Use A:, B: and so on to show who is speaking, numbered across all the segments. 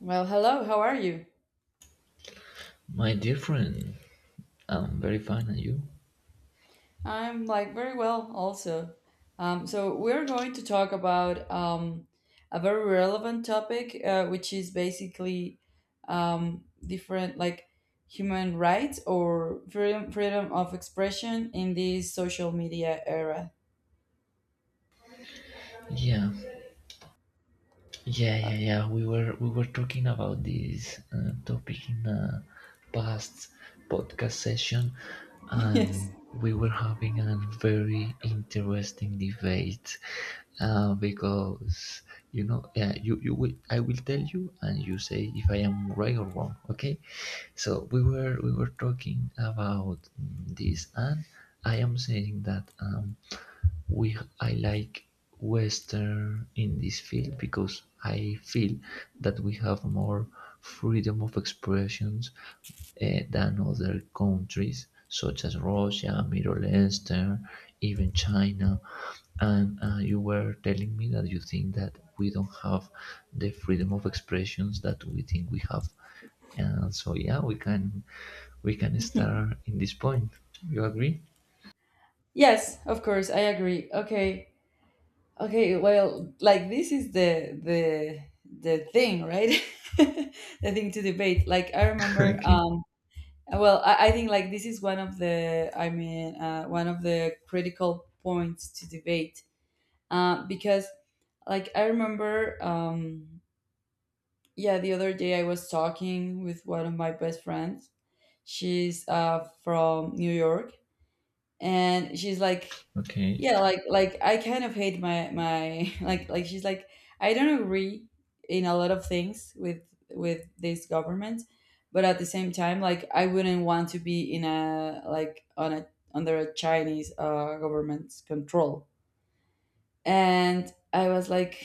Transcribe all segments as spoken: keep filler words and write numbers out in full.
A: Well, hello, how are you?
B: My dear friend, I'm very fine, and you?
A: I'm like very well also. Um, so we're going to talk about um, a very relevant topic, uh, which is basically um, different like human rights or freedom, freedom of expression in this social media era.
B: Yeah, yeah,
A: Uh,
B: yeah, yeah. We were we were talking about this uh, topic in a past podcast session, and
A: yes.
B: we were having a very interesting debate uh, because you know, yeah, you you will I will tell you, and you say if I am right or wrong. Okay, so we were we were talking about mm, this, and I am saying that. Um, we I like Western in this field because I feel that we have more freedom of expressions, eh, than other countries such as Russia, Middle Eastern, even China. And uh, you were telling me that you think that we don't have the freedom of expressions that we think we have. And so yeah, we can we can start in this point. You agree?
A: Yes, of course, I agree. Okay. Okay, well, like this is the the the thing, right? The thing to debate. Like I remember.
B: Okay.
A: Um Well, I, I think like this is one of the, I mean, uh, one of the critical points to debate uh, because, like, I remember, um, yeah, the other day I was talking with one of my best friends. She's uh, from New York, and she's like
B: Okay.
A: yeah like like I kind of hate my my like like she's like I don't agree in a lot of things with with this government, but at the same time like I wouldn't want to be in a like on a under a Chinese uh, government's control. And I was like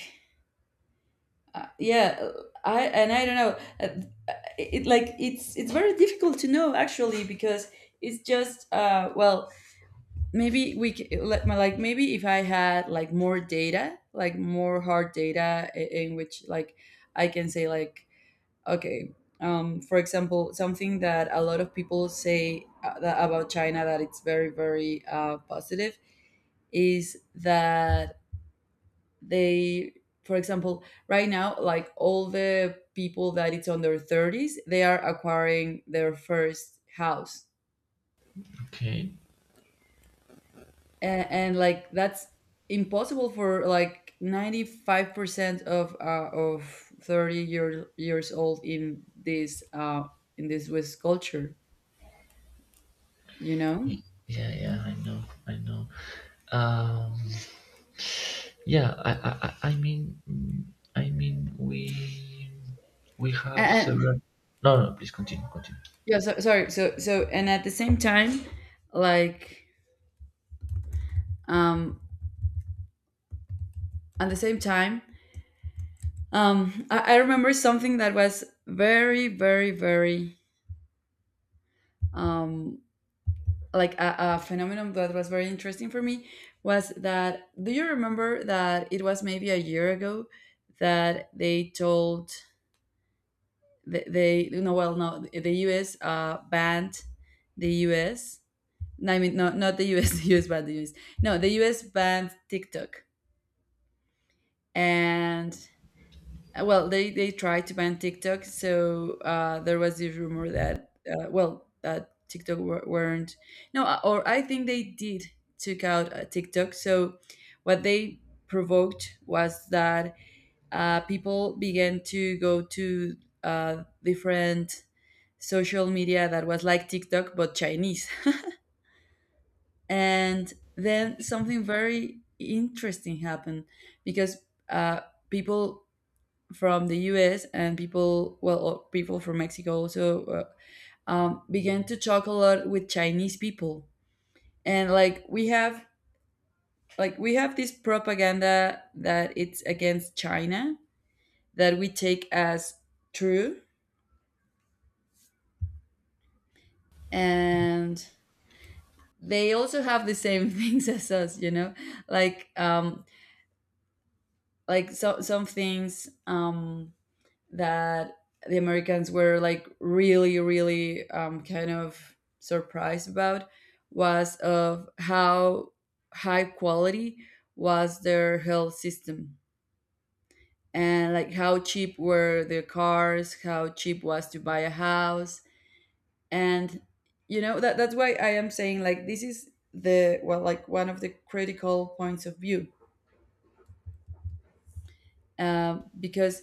A: uh, yeah, I and I don't know. uh, it like it's it's very difficult to know actually, because it's just uh well, maybe we c- let my like, maybe if I had like more data, like more hard data i- in which like I can say like okay. Um for example, something that a lot of people say uh, that about China, that it's very very uh, positive, is that they for example right now like all the people that it's on their thirties, they are acquiring their first house.
B: Okay.
A: And, and like that's impossible for like ninety-five percent of uh, of thirty year, years old in this uh in this west culture. you know
B: Y- Yeah, yeah, I know, I know. Um, yeah, I, I, I I mean, mm, I mean, we, we have
A: and, and
B: several. No, no, please continue, continue.
A: yeah, so, sorry, so so and at the same time like um at the same time um I, I remember something that was very very very um like a, a phenomenon that was very interesting for me, was that do you remember that it was maybe a year ago that they told, th- they, no, well, no, the U S uh banned the U S. No, I mean, no, not the US. The US banned the US. No, the U S banned TikTok. And Uh, well, they they tried to ban TikTok, so uh, there was this rumor that uh, well, that TikTok wer- weren't, no, uh, or I think they did took out uh, TikTok. So what they provoked was that uh, people began to go to uh, different social media that was like TikTok but Chinese. And then something very interesting happened, because uh, people from the U S and people, well, or people from Mexico also uh, um, began to talk a lot with Chinese people. And like we have, like we have this propaganda that it's against China that we take as true. And they also have the same things as us, you know, like um, like so, some things um, that the Americans were like really, really um, kind of surprised about, was of how high quality was their health system, and like how cheap were their cars, how cheap was to buy a house. And you know that that's why I am saying like this is the, well, like one of the critical points of view, um, because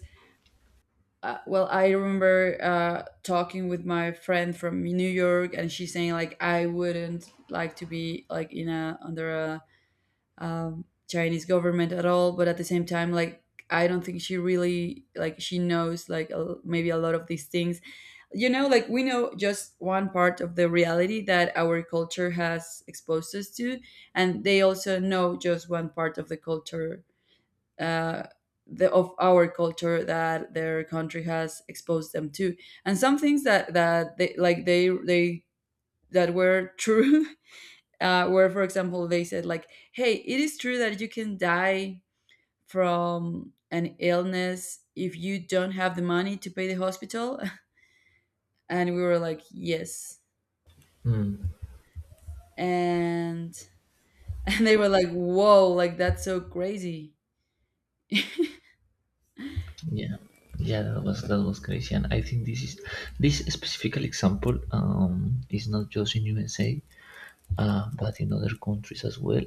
A: uh, well, I remember uh, talking with my friend from New York, and she's saying like I wouldn't like to be like in a under a um, Chinese government at all, but at the same time like I don't think she really, like, she knows like a, maybe a lot of these things you know Like we know just one part of the reality that our culture has exposed us to, and they also know just one part of the culture uh, the, of our culture that their country has exposed them to. And some things that that they like they they that were true, uh, were, for example, they said like, "Hey, it is true that you can die from an illness if you don't have the money to pay the hospital." And we were like, "Yes,"
B: Mm,
A: and and they were like, "Whoa, like that's so crazy."
B: yeah, yeah, that was that was crazy, and I think this is this specific example um is not just in U S A, uh, but in other countries as well.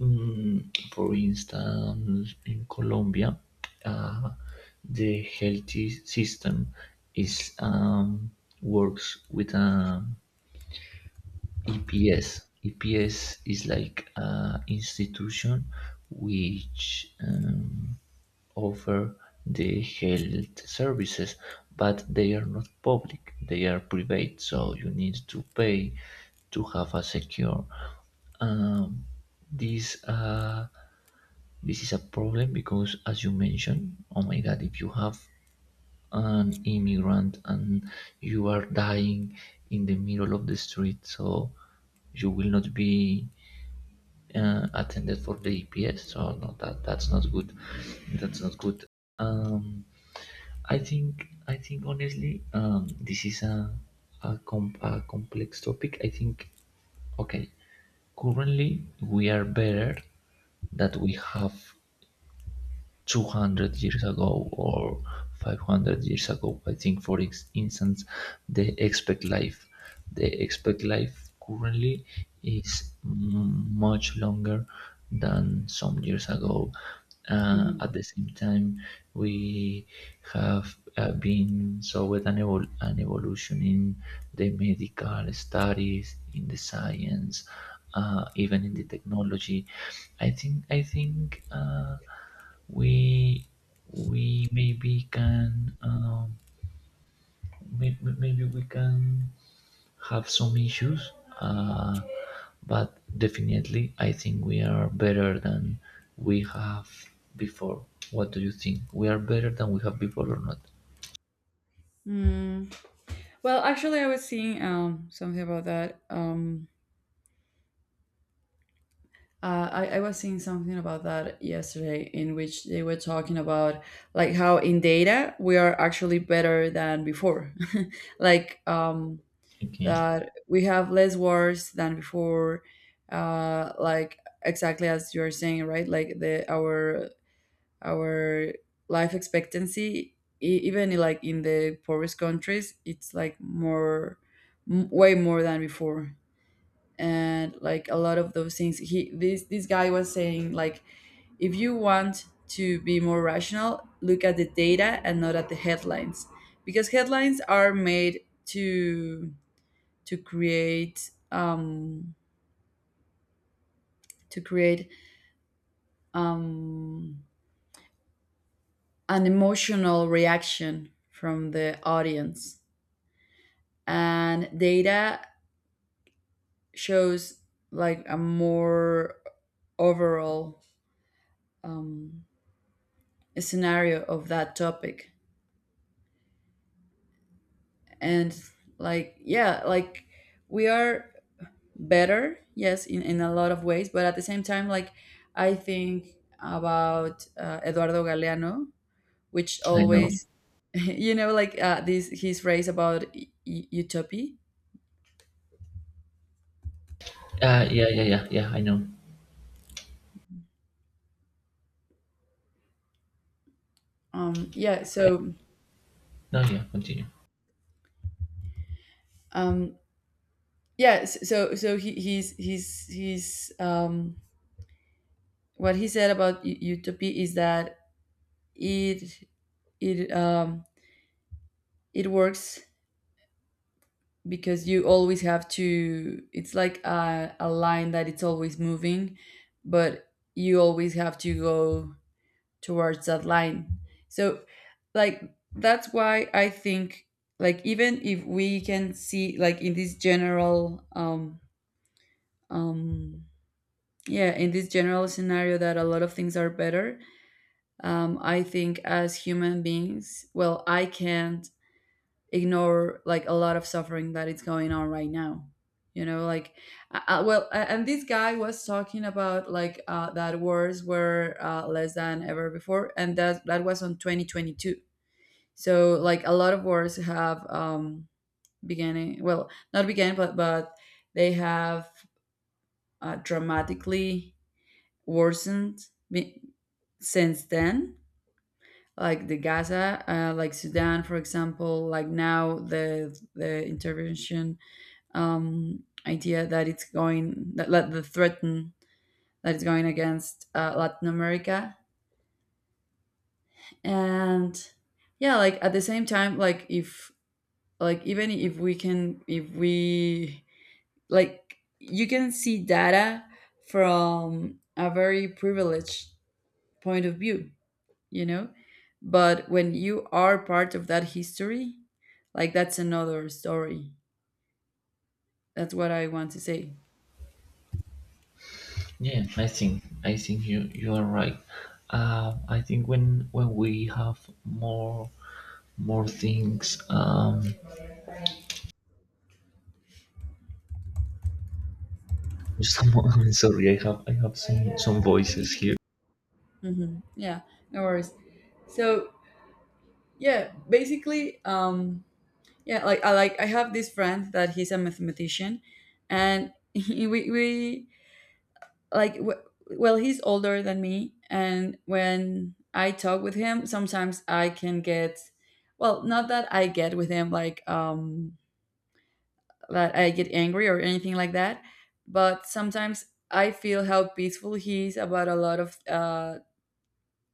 B: Mm, for instance, in Colombia, uh, the healthy system is um, works with an E P S. E P S is like an institution which um, offer the health services, but they are not public. They are private, so you need to pay to have a secure. Um, these uh, this is a problem because, as you mentioned, oh my God, if you have an immigrant and you are dying in the middle of the street, so you will not be uh, attended for the E P S. So no, that that's not good. That's not good. Um, I think I think honestly, um, this is a a, com- a complex topic. I think okay, currently we are better that we have two hundred years ago or five hundred years ago. I think, for instance, the expect life, the expect life currently is much longer than some years ago. Uh,
A: Mhm.
B: at the same time, we have uh, been saw an, evol- an evolution in the medical studies, in the science, uh, even in the technology. I think I think uh, we we maybe can um, may, maybe we can have some issues, uh, but definitely I think we are better than we have before. What do you think? We are better than we have before or not?
A: Mm. Well, actually, I was seeing um, something about that. Um, Uh, I, I was seeing something about that yesterday, in which they were talking about like how in data we are actually better than before. Like um,
B: Okay,
A: that we have less wars than before. Uh, like, exactly as you're saying, right? Like the our our life expectancy, e- even like in the poorest countries, it's like more, m- way more than before. And like a lot of those things he this this guy was saying like, if you want to be more rational, look at the data and not at the headlines, because headlines are made to to create um to create um an emotional reaction from the audience, and data shows like a more overall um, scenario of that topic. And like, yeah, like we are better, yes, in, in a lot of ways, but at the same time like I think about uh, Eduardo Galeano, which
B: I know.
A: always you know like, uh, this his phrase about y- y- utopia.
B: Uh, yeah, yeah yeah yeah I know.
A: Um yeah,
B: Okay.
A: so
B: No, yeah, continue.
A: um yeah, s- so so he he's he's he's um what he said about u- utopia is that it it um it works, because you always have to, it's like a, a line that it's always moving, but you always have to go towards that line. So like that's why I think like, even if we can see like in this general um um yeah in this general scenario that a lot of things are better, um I think as human beings, well, I can't ignore like a lot of suffering that is going on right now you know Like, uh, uh, well, a- and this guy was talking about like uh, that wars were uh, less than ever before, and that that was on twenty twenty-two. So like a lot of wars have um beginning, well, not began, but but they have uh, dramatically worsened be- since then. Like the Gaza, uh, like Sudan for example, like now the the intervention um, idea that it's going, that, that the threaten that it's going against uh, Latin America. And yeah, like at the same time like, if like, even if we can, if we like, you can see data from a very privileged point of view you know but when you are part of that history, like that's another story. That's what I want to say.
B: Yeah, I think I think you you are right. Uh, I think when when we have more more things. Um, someone, sorry, I have I have some some voices here.
A: Hmm, yeah. No worries. So yeah, basically um yeah like i like i have this friend that he's a mathematician. And he, we we like w- well, he's older than me, and when I talk with him sometimes I can get, well, not that I get with him like, um that I get angry or anything like that, but sometimes I feel how peaceful he is about a lot of uh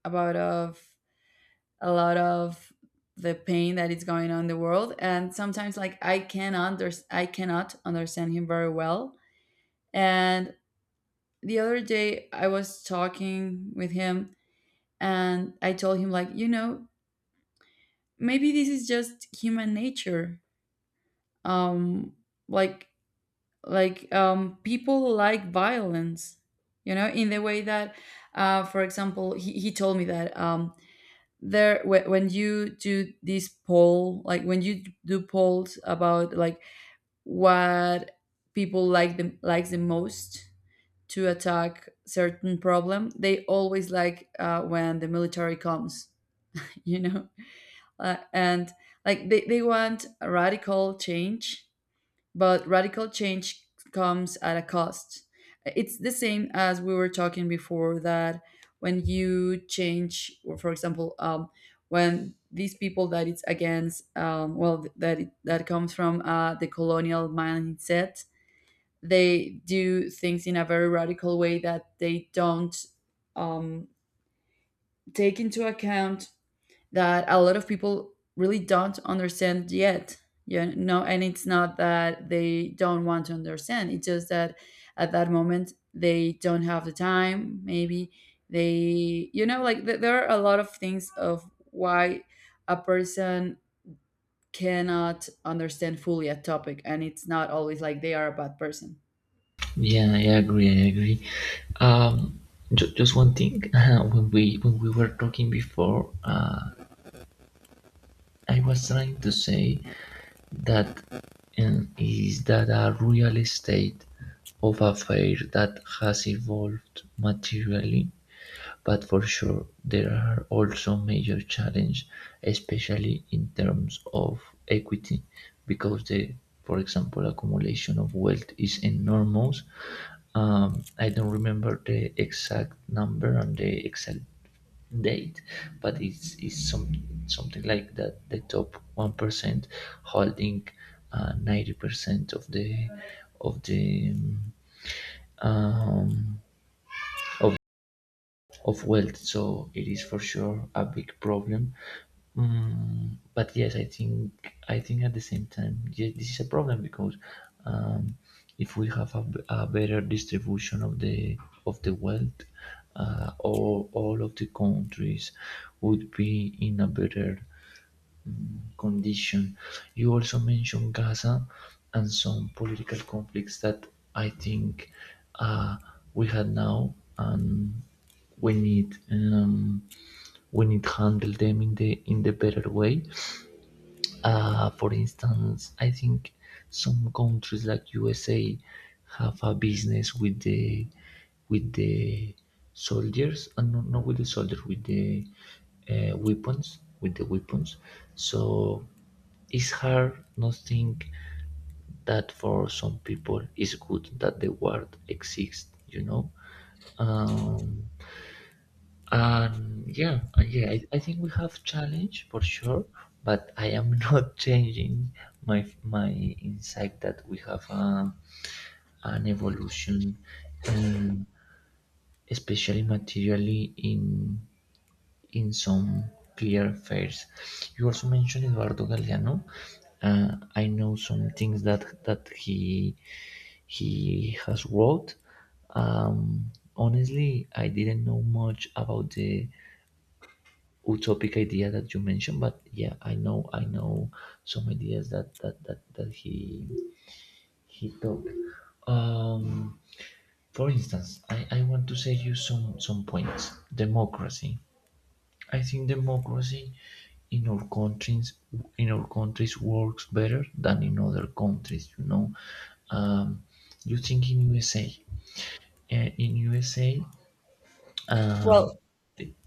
A: about of a lot of the pain that is going on in the world. And sometimes like i can under i cannot understand him very well. And the other day I was talking with him, and I told him like, you know maybe this is just human nature. um like like um people like violence, you know in the way that uh for example he, he told me that um there whe- when you do this poll, like when you do polls about like what people like the likes the most to attack certain problem, they always like, uh, when the military comes. you know uh, and like they, they want a radical change, but radical change comes at a cost. It's the same as we were talking before, that when you change, or for example, um, when these people that it's against, um, well, that it, that comes from uh, the colonial mindset, they do things in a very radical way that they don't um, take into account that a lot of people really don't understand yet you know And it's not that they don't want to understand, it's just that at that moment they don't have the time, maybe, they you know like th- there are a lot of things of why a person cannot understand fully a topic, and it's not always like they are a bad person.
B: Yeah, I agree. I agree. Um, ju- just one thing. Uh, when we when we were talking before, uh, I was trying to say that um, is that a real estate of affair that has evolved materially. But for sure there are also major challenges, especially in terms of equity, because the, for example, accumulation of wealth is enormous. Um, I don't remember the exact number and the exact date, but it's, it's some, something like that. The top one percent holding uh, ninety percent of the of the um, um, of of wealth. So it is for sure a big problem. Mm, but yes, i think i think at the same time, yes, this is a problem because, um, if we have a, b- a better distribution of the of the wealth, uh, all, all of the countries would be in a better condition. You also mentioned Gaza and some political conflicts that I think uh, we had now, and we need, um, we need handle them in the in the better way. Uh, for instance, I think some countries like U S A have a business with the with the soldiers, and uh, no, not with the soldiers, with the uh, weapons, with the weapons. So it's hard not think that for some people it's good that the war exists. You know. Um, um, yeah, uh, yeah, I, I think we have challenge for sure, but I am not changing my my insight that we have um an evolution, um, especially materially in in some clear affairs. You also mentioned Eduardo Galeano. Uh, I know some things that that he he has wrote. Um, honestly, I didn't know much about the utopic idea that you mentioned, but yeah, I know, I know some ideas that that that, that he he took. Um, for instance, I, I want to say you some some points. Democracy, I think democracy in our countries in our countries works better than in other countries, you know. Um, you think in USA, uh, in usa um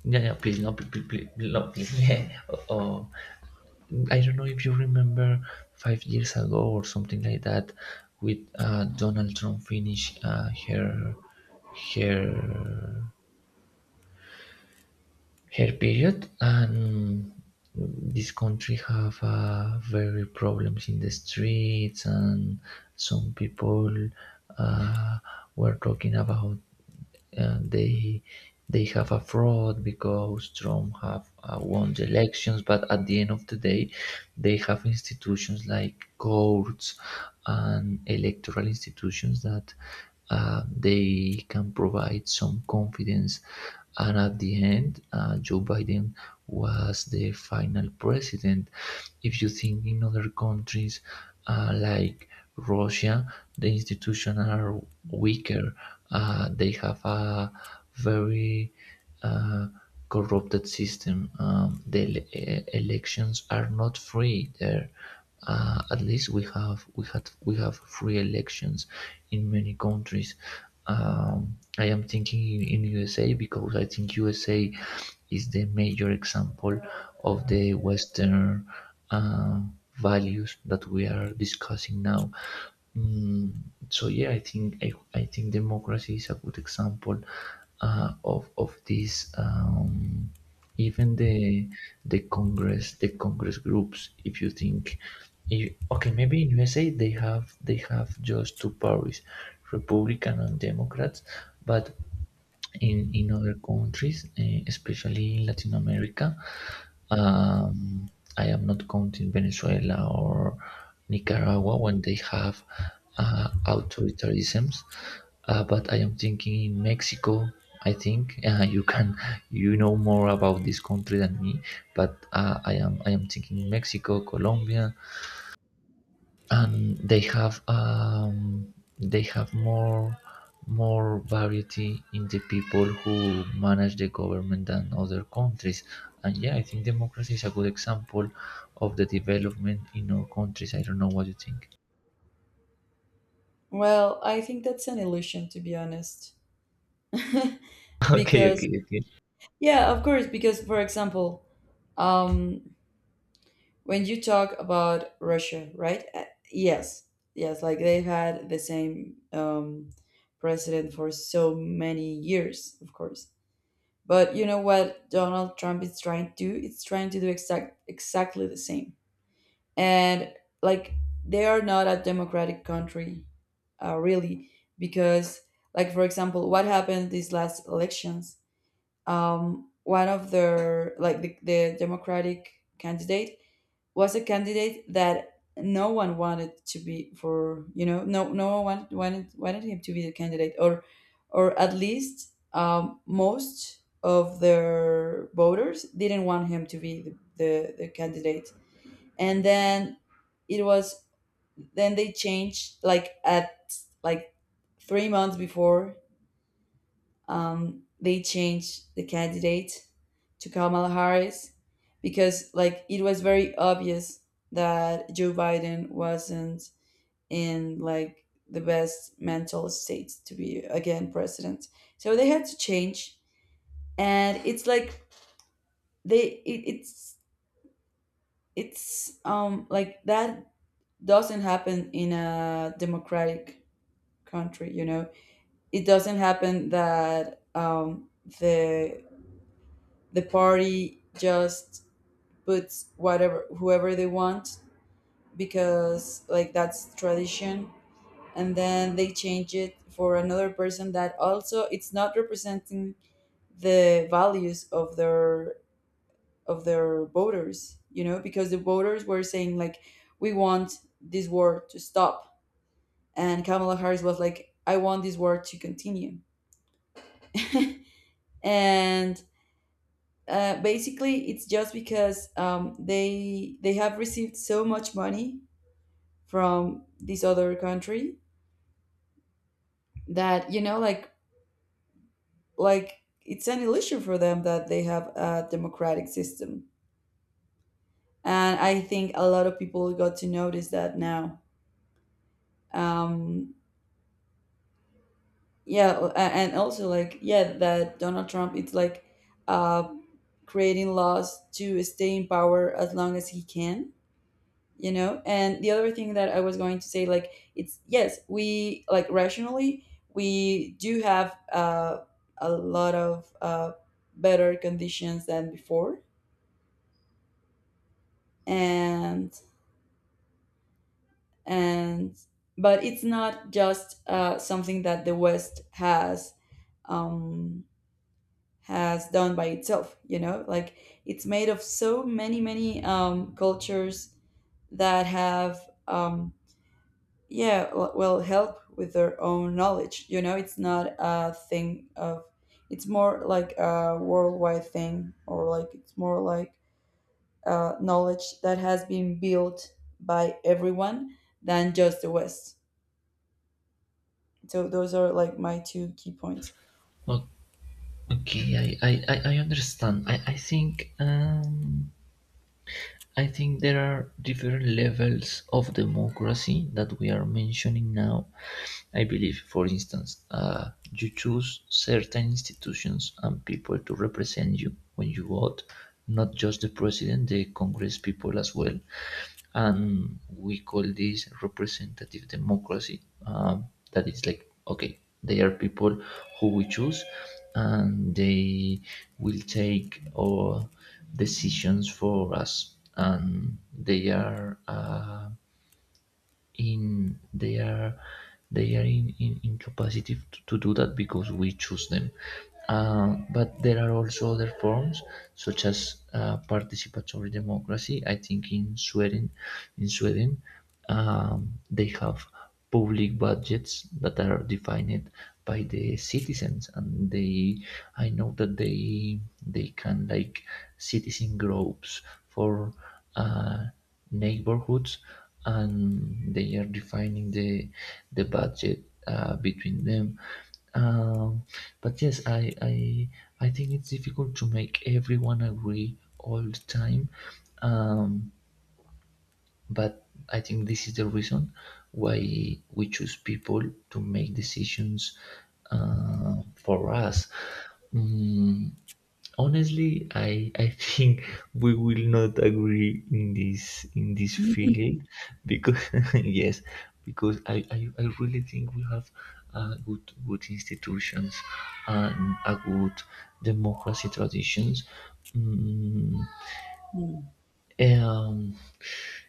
B: yeah, yeah, please, no, please, please, please, no, please. Yeah. Oh, oh. I don't know if you remember five years ago or something like that, with uh, Donald Trump finish uh, her her her period, and this country have uh, very problems in the streets, and some people uh, were talking about uh, they they have a fraud because Trump have uh, won the elections, but at the end of the day, they have institutions like courts and electoral institutions that uh, they can provide some confidence. And at the end, uh, Joe Biden was the final president. If you think in other countries uh, like Russia, the institutions are
A: Mm.
B: weaker. Uh, they have a very uh, corrupted system. Um, the ele- e-, elections are not free there. Uh, at least we have we had we have free elections in many countries. Um, I am thinking in, in U S A because I think U S A is the major example of the Western uh, values that we are discussing now. Mm, so yeah, I think I, I think democracy is a good example uh, of of this. Um, even the the congress the Congress groups, if you think, if, okay, maybe in USA they have they have just two parties, Republican and Democrats, but in in other countries, eh, especially in Latin America. Um, I am not counting Venezuela or Nicaragua when they have uh, authoritarianisms, uh, but I am thinking in Mexico. I think, uh, you can you know more about this country than me, but uh, I am I am thinking Mexico, Colombia, and they have, um, they have more more variety in the people who manage the government than other countries. And yeah, I think democracy is a good example of the development in our countries. I don't know what you think.
A: Well, I think that's an illusion, to be honest.
B: Okay,
A: Because,
B: okay, okay.
A: yeah, of course, because for example, um when you talk about Russia, right? Uh, Yes, yes, like they've had the same um, president for so many years, of course. But you know what Donald Trump is trying to do? It's trying to do exact exactly the same. And like they are not a democratic country, uh, really, because like for example, what happened these last elections? Um, one of their like the, the Democratic candidate was a candidate that no one wanted to be for you know no no one wanted wanted, wanted him to be the candidate or or at least um, most of their voters didn't want him to be the, the, the candidate, and then it was then they changed like at like three months before. Um, they changed the candidate to Kamala Harris because like it was very obvious that Joe Biden wasn't in like the best mental state to be again president. So they had to change, and it's like they it, it's it's um like that doesn't happen in a democratic country, you know. It doesn't happen that um the the party just put whatever whoever they want because like that's tradition, and then they change it for another person that also it's not representing the values of their of their voters, you know, because the voters were saying like we want this war to stop, and Kamala Harris was like I want this war to continue. And uh, basically it's just because um, they they have received so much money from this other country that, you know, like like it's an illusion for them that they have a democratic system, and I think a lot of people got to notice that now. um yeah, a- and also like yeah that Donald Trump it's like uh creating laws to stay in power as long as he can, you know. And the other thing that I was going to say like it's yes we like rationally we do have uh, a lot of uh, better conditions than before, and and but it's not just uh, something that the West has um, has done by itself, you know, like it's made of so many many um, cultures that have um, yeah w- well help with their own knowledge, you know. It's not a thing of it's more like a worldwide thing, or like it's more like uh, knowledge that has been built by everyone than just the West. So those are like my two key points.
B: O- Okay, I, I, I I understand. I, I think. Um, I think there are different levels of democracy that we are mentioning now. I believe, for instance, uh, you choose certain institutions and people to represent you when you vote, not just the president, the Congress people as well, and we call this representative democracy. Um, that is like okay, they are people who we choose, and they will take all decisions for us, and they are uh, in they are they are in, in incapacity to, to do that because we choose them. Um, but there are also other forms, such as uh, participatory democracy. I think in Sweden, in sweden um, they have public budgets that are defined by the citizens, and they, I know that they they can, like, citizen groups for uh, neighborhoods, and they are defining the the budget uh, between them. um, but yes, I, I I think it's difficult to make everyone agree all the time, um, but I think this is the reason why we choose people to make decisions uh, for us. Mm, honestly, I I think we will not agree in this in this field, because yes, because I, I, I really think we have uh, good good institutions and a good democracy traditions. Mm,
A: Mm.
B: um,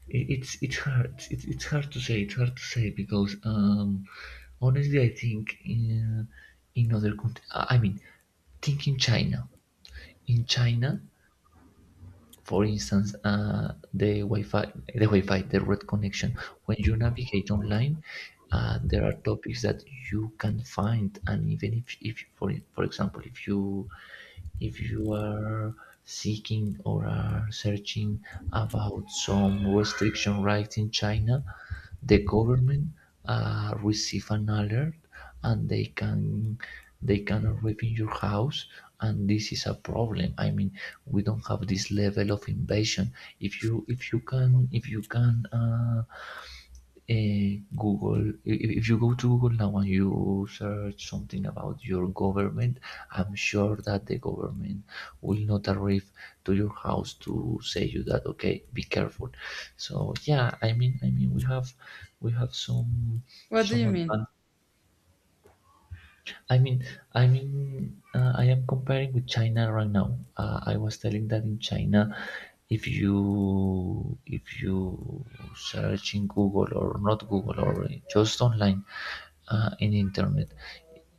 B: it- It's it's hard. It's, it's hard to say. It's hard to say because um, honestly, I think in in other countries. I mean, think in China. In China, for instance, uh, the Wi-Fi, the Wi-Fi, the red connection. When you navigate online, uh, there are topics that you can find, and even if, if for for example, if you if you are seeking or are searching about some restriction rights in China, the government uh, receive an alert, and they can they can live in your house, and this is a problem. I mean, we don't have this level of invasion. If you if you can if you can, uh, eh, Google, if, if you go to Google now and you search something about your government, I'm sure that the government will not arrive to your house to say you that okay, be careful. So yeah, i mean i mean we have we have some
A: What do
B: some
A: you mean?
B: advantage. I mean, I mean, uh, I am comparing with China right now. Uh, I was telling that in China, if you if you search in Google or not Google or just online, uh, in internet,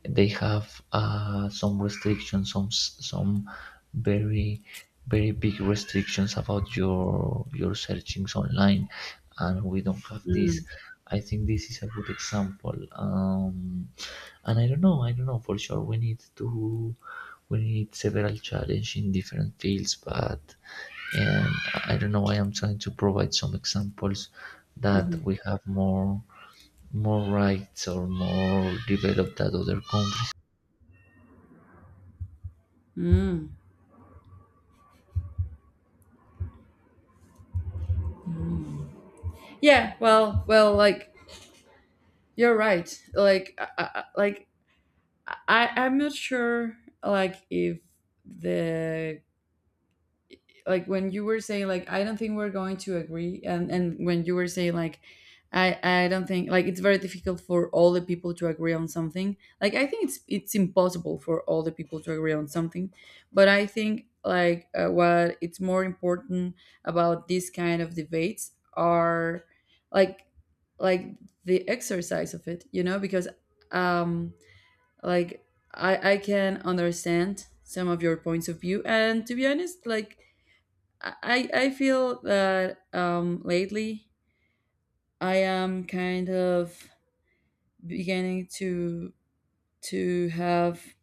B: they have uh, some restrictions, some s- some very very big restrictions about your your searchings online, and we don't have this.
A: Mm,
B: I think this is a good example. Um, and I don't know, I don't know for sure. We need to, we need several challenge in different fields, but and I don't know. I am trying to provide some examples that
A: mhm.
B: we have more more rights or more developed than other countries.
A: Mm. Yeah, well, well, like you're right. Like, I, I, I- like I, I'm not sure, like if the like when you were saying like I don't think we're going to agree, and and when you were saying like i i don't think like it's very difficult for all the people to agree on something, like I think it's it's impossible for all the people to agree on something, but I think like uh, what it's more important about this kind of debates are like like the exercise of it, you know, because um like i i can understand some of your points of view, and to be honest, like I, I feel that um, lately I am kind of beginning to to have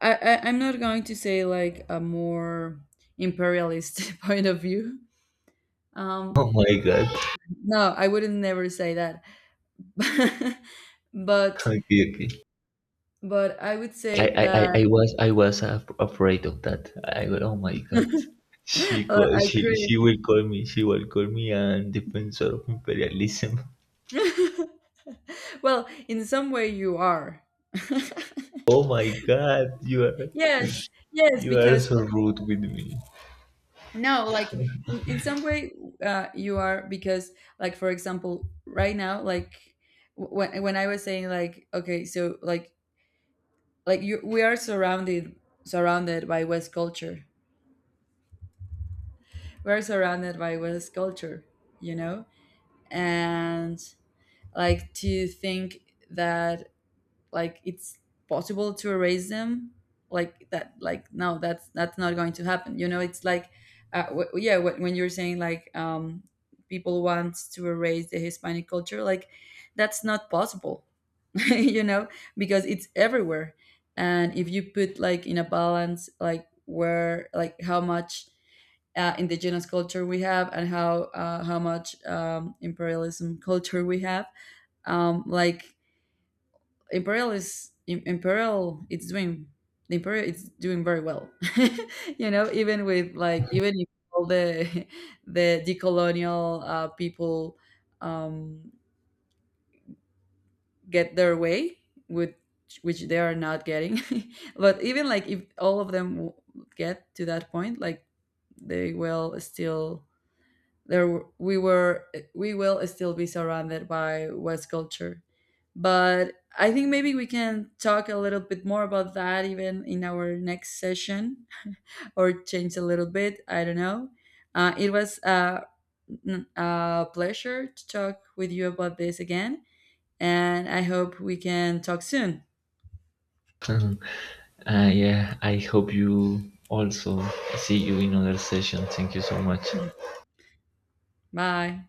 A: I, I I'm not going to say like a more imperialist point of view. Um,
B: Oh my God.
A: no, I wouldn't never say that, but
B: Okay, okay.
A: but I would
B: I
A: say
B: I,
A: that
B: I, I was I was af- afraid of that. I go, oh my God. She call,
A: I
B: she
A: create.
B: she will call me. She will call me an defensor of imperialism.
A: Well, in some way you are.
B: Oh my God, you are.
A: Yes, yes,
B: You are
A: because
B: so rude with me.
A: no, like in, in some way uh, you are, because like for example right now like w- when when I was saying like okay so like like you we are surrounded surrounded by West culture. We are surrounded by West culture, you know? And like to think that like it's possible to erase them like that, like no, that's that's not going to happen, you know. It's like uh, w- yeah when when you're saying like um people want to erase the Hispanic culture, like that's not possible. You know, because it's everywhere. And if you put like in a balance like where like how much uh, indigenous culture we have and how uh, how much um, imperialism culture we have, um, like Imperial is Im- Imperial. It's doing the Imperial. It's doing very well. You know, even with like even if all the the decolonial uh, people um, get their way with which they are not getting, but even like if all of them w- get to that point, like they will still there w- we were we will still be surrounded by West culture. But I think maybe we can talk a little bit more about that even in our next session, or change a little bit, I don't know. Uh, it was uh, n- a pleasure to talk with you about this again, and I hope we can talk soon.
B: Uh, yeah, I hope you also see you in another session. Thank you so much.
A: Bye.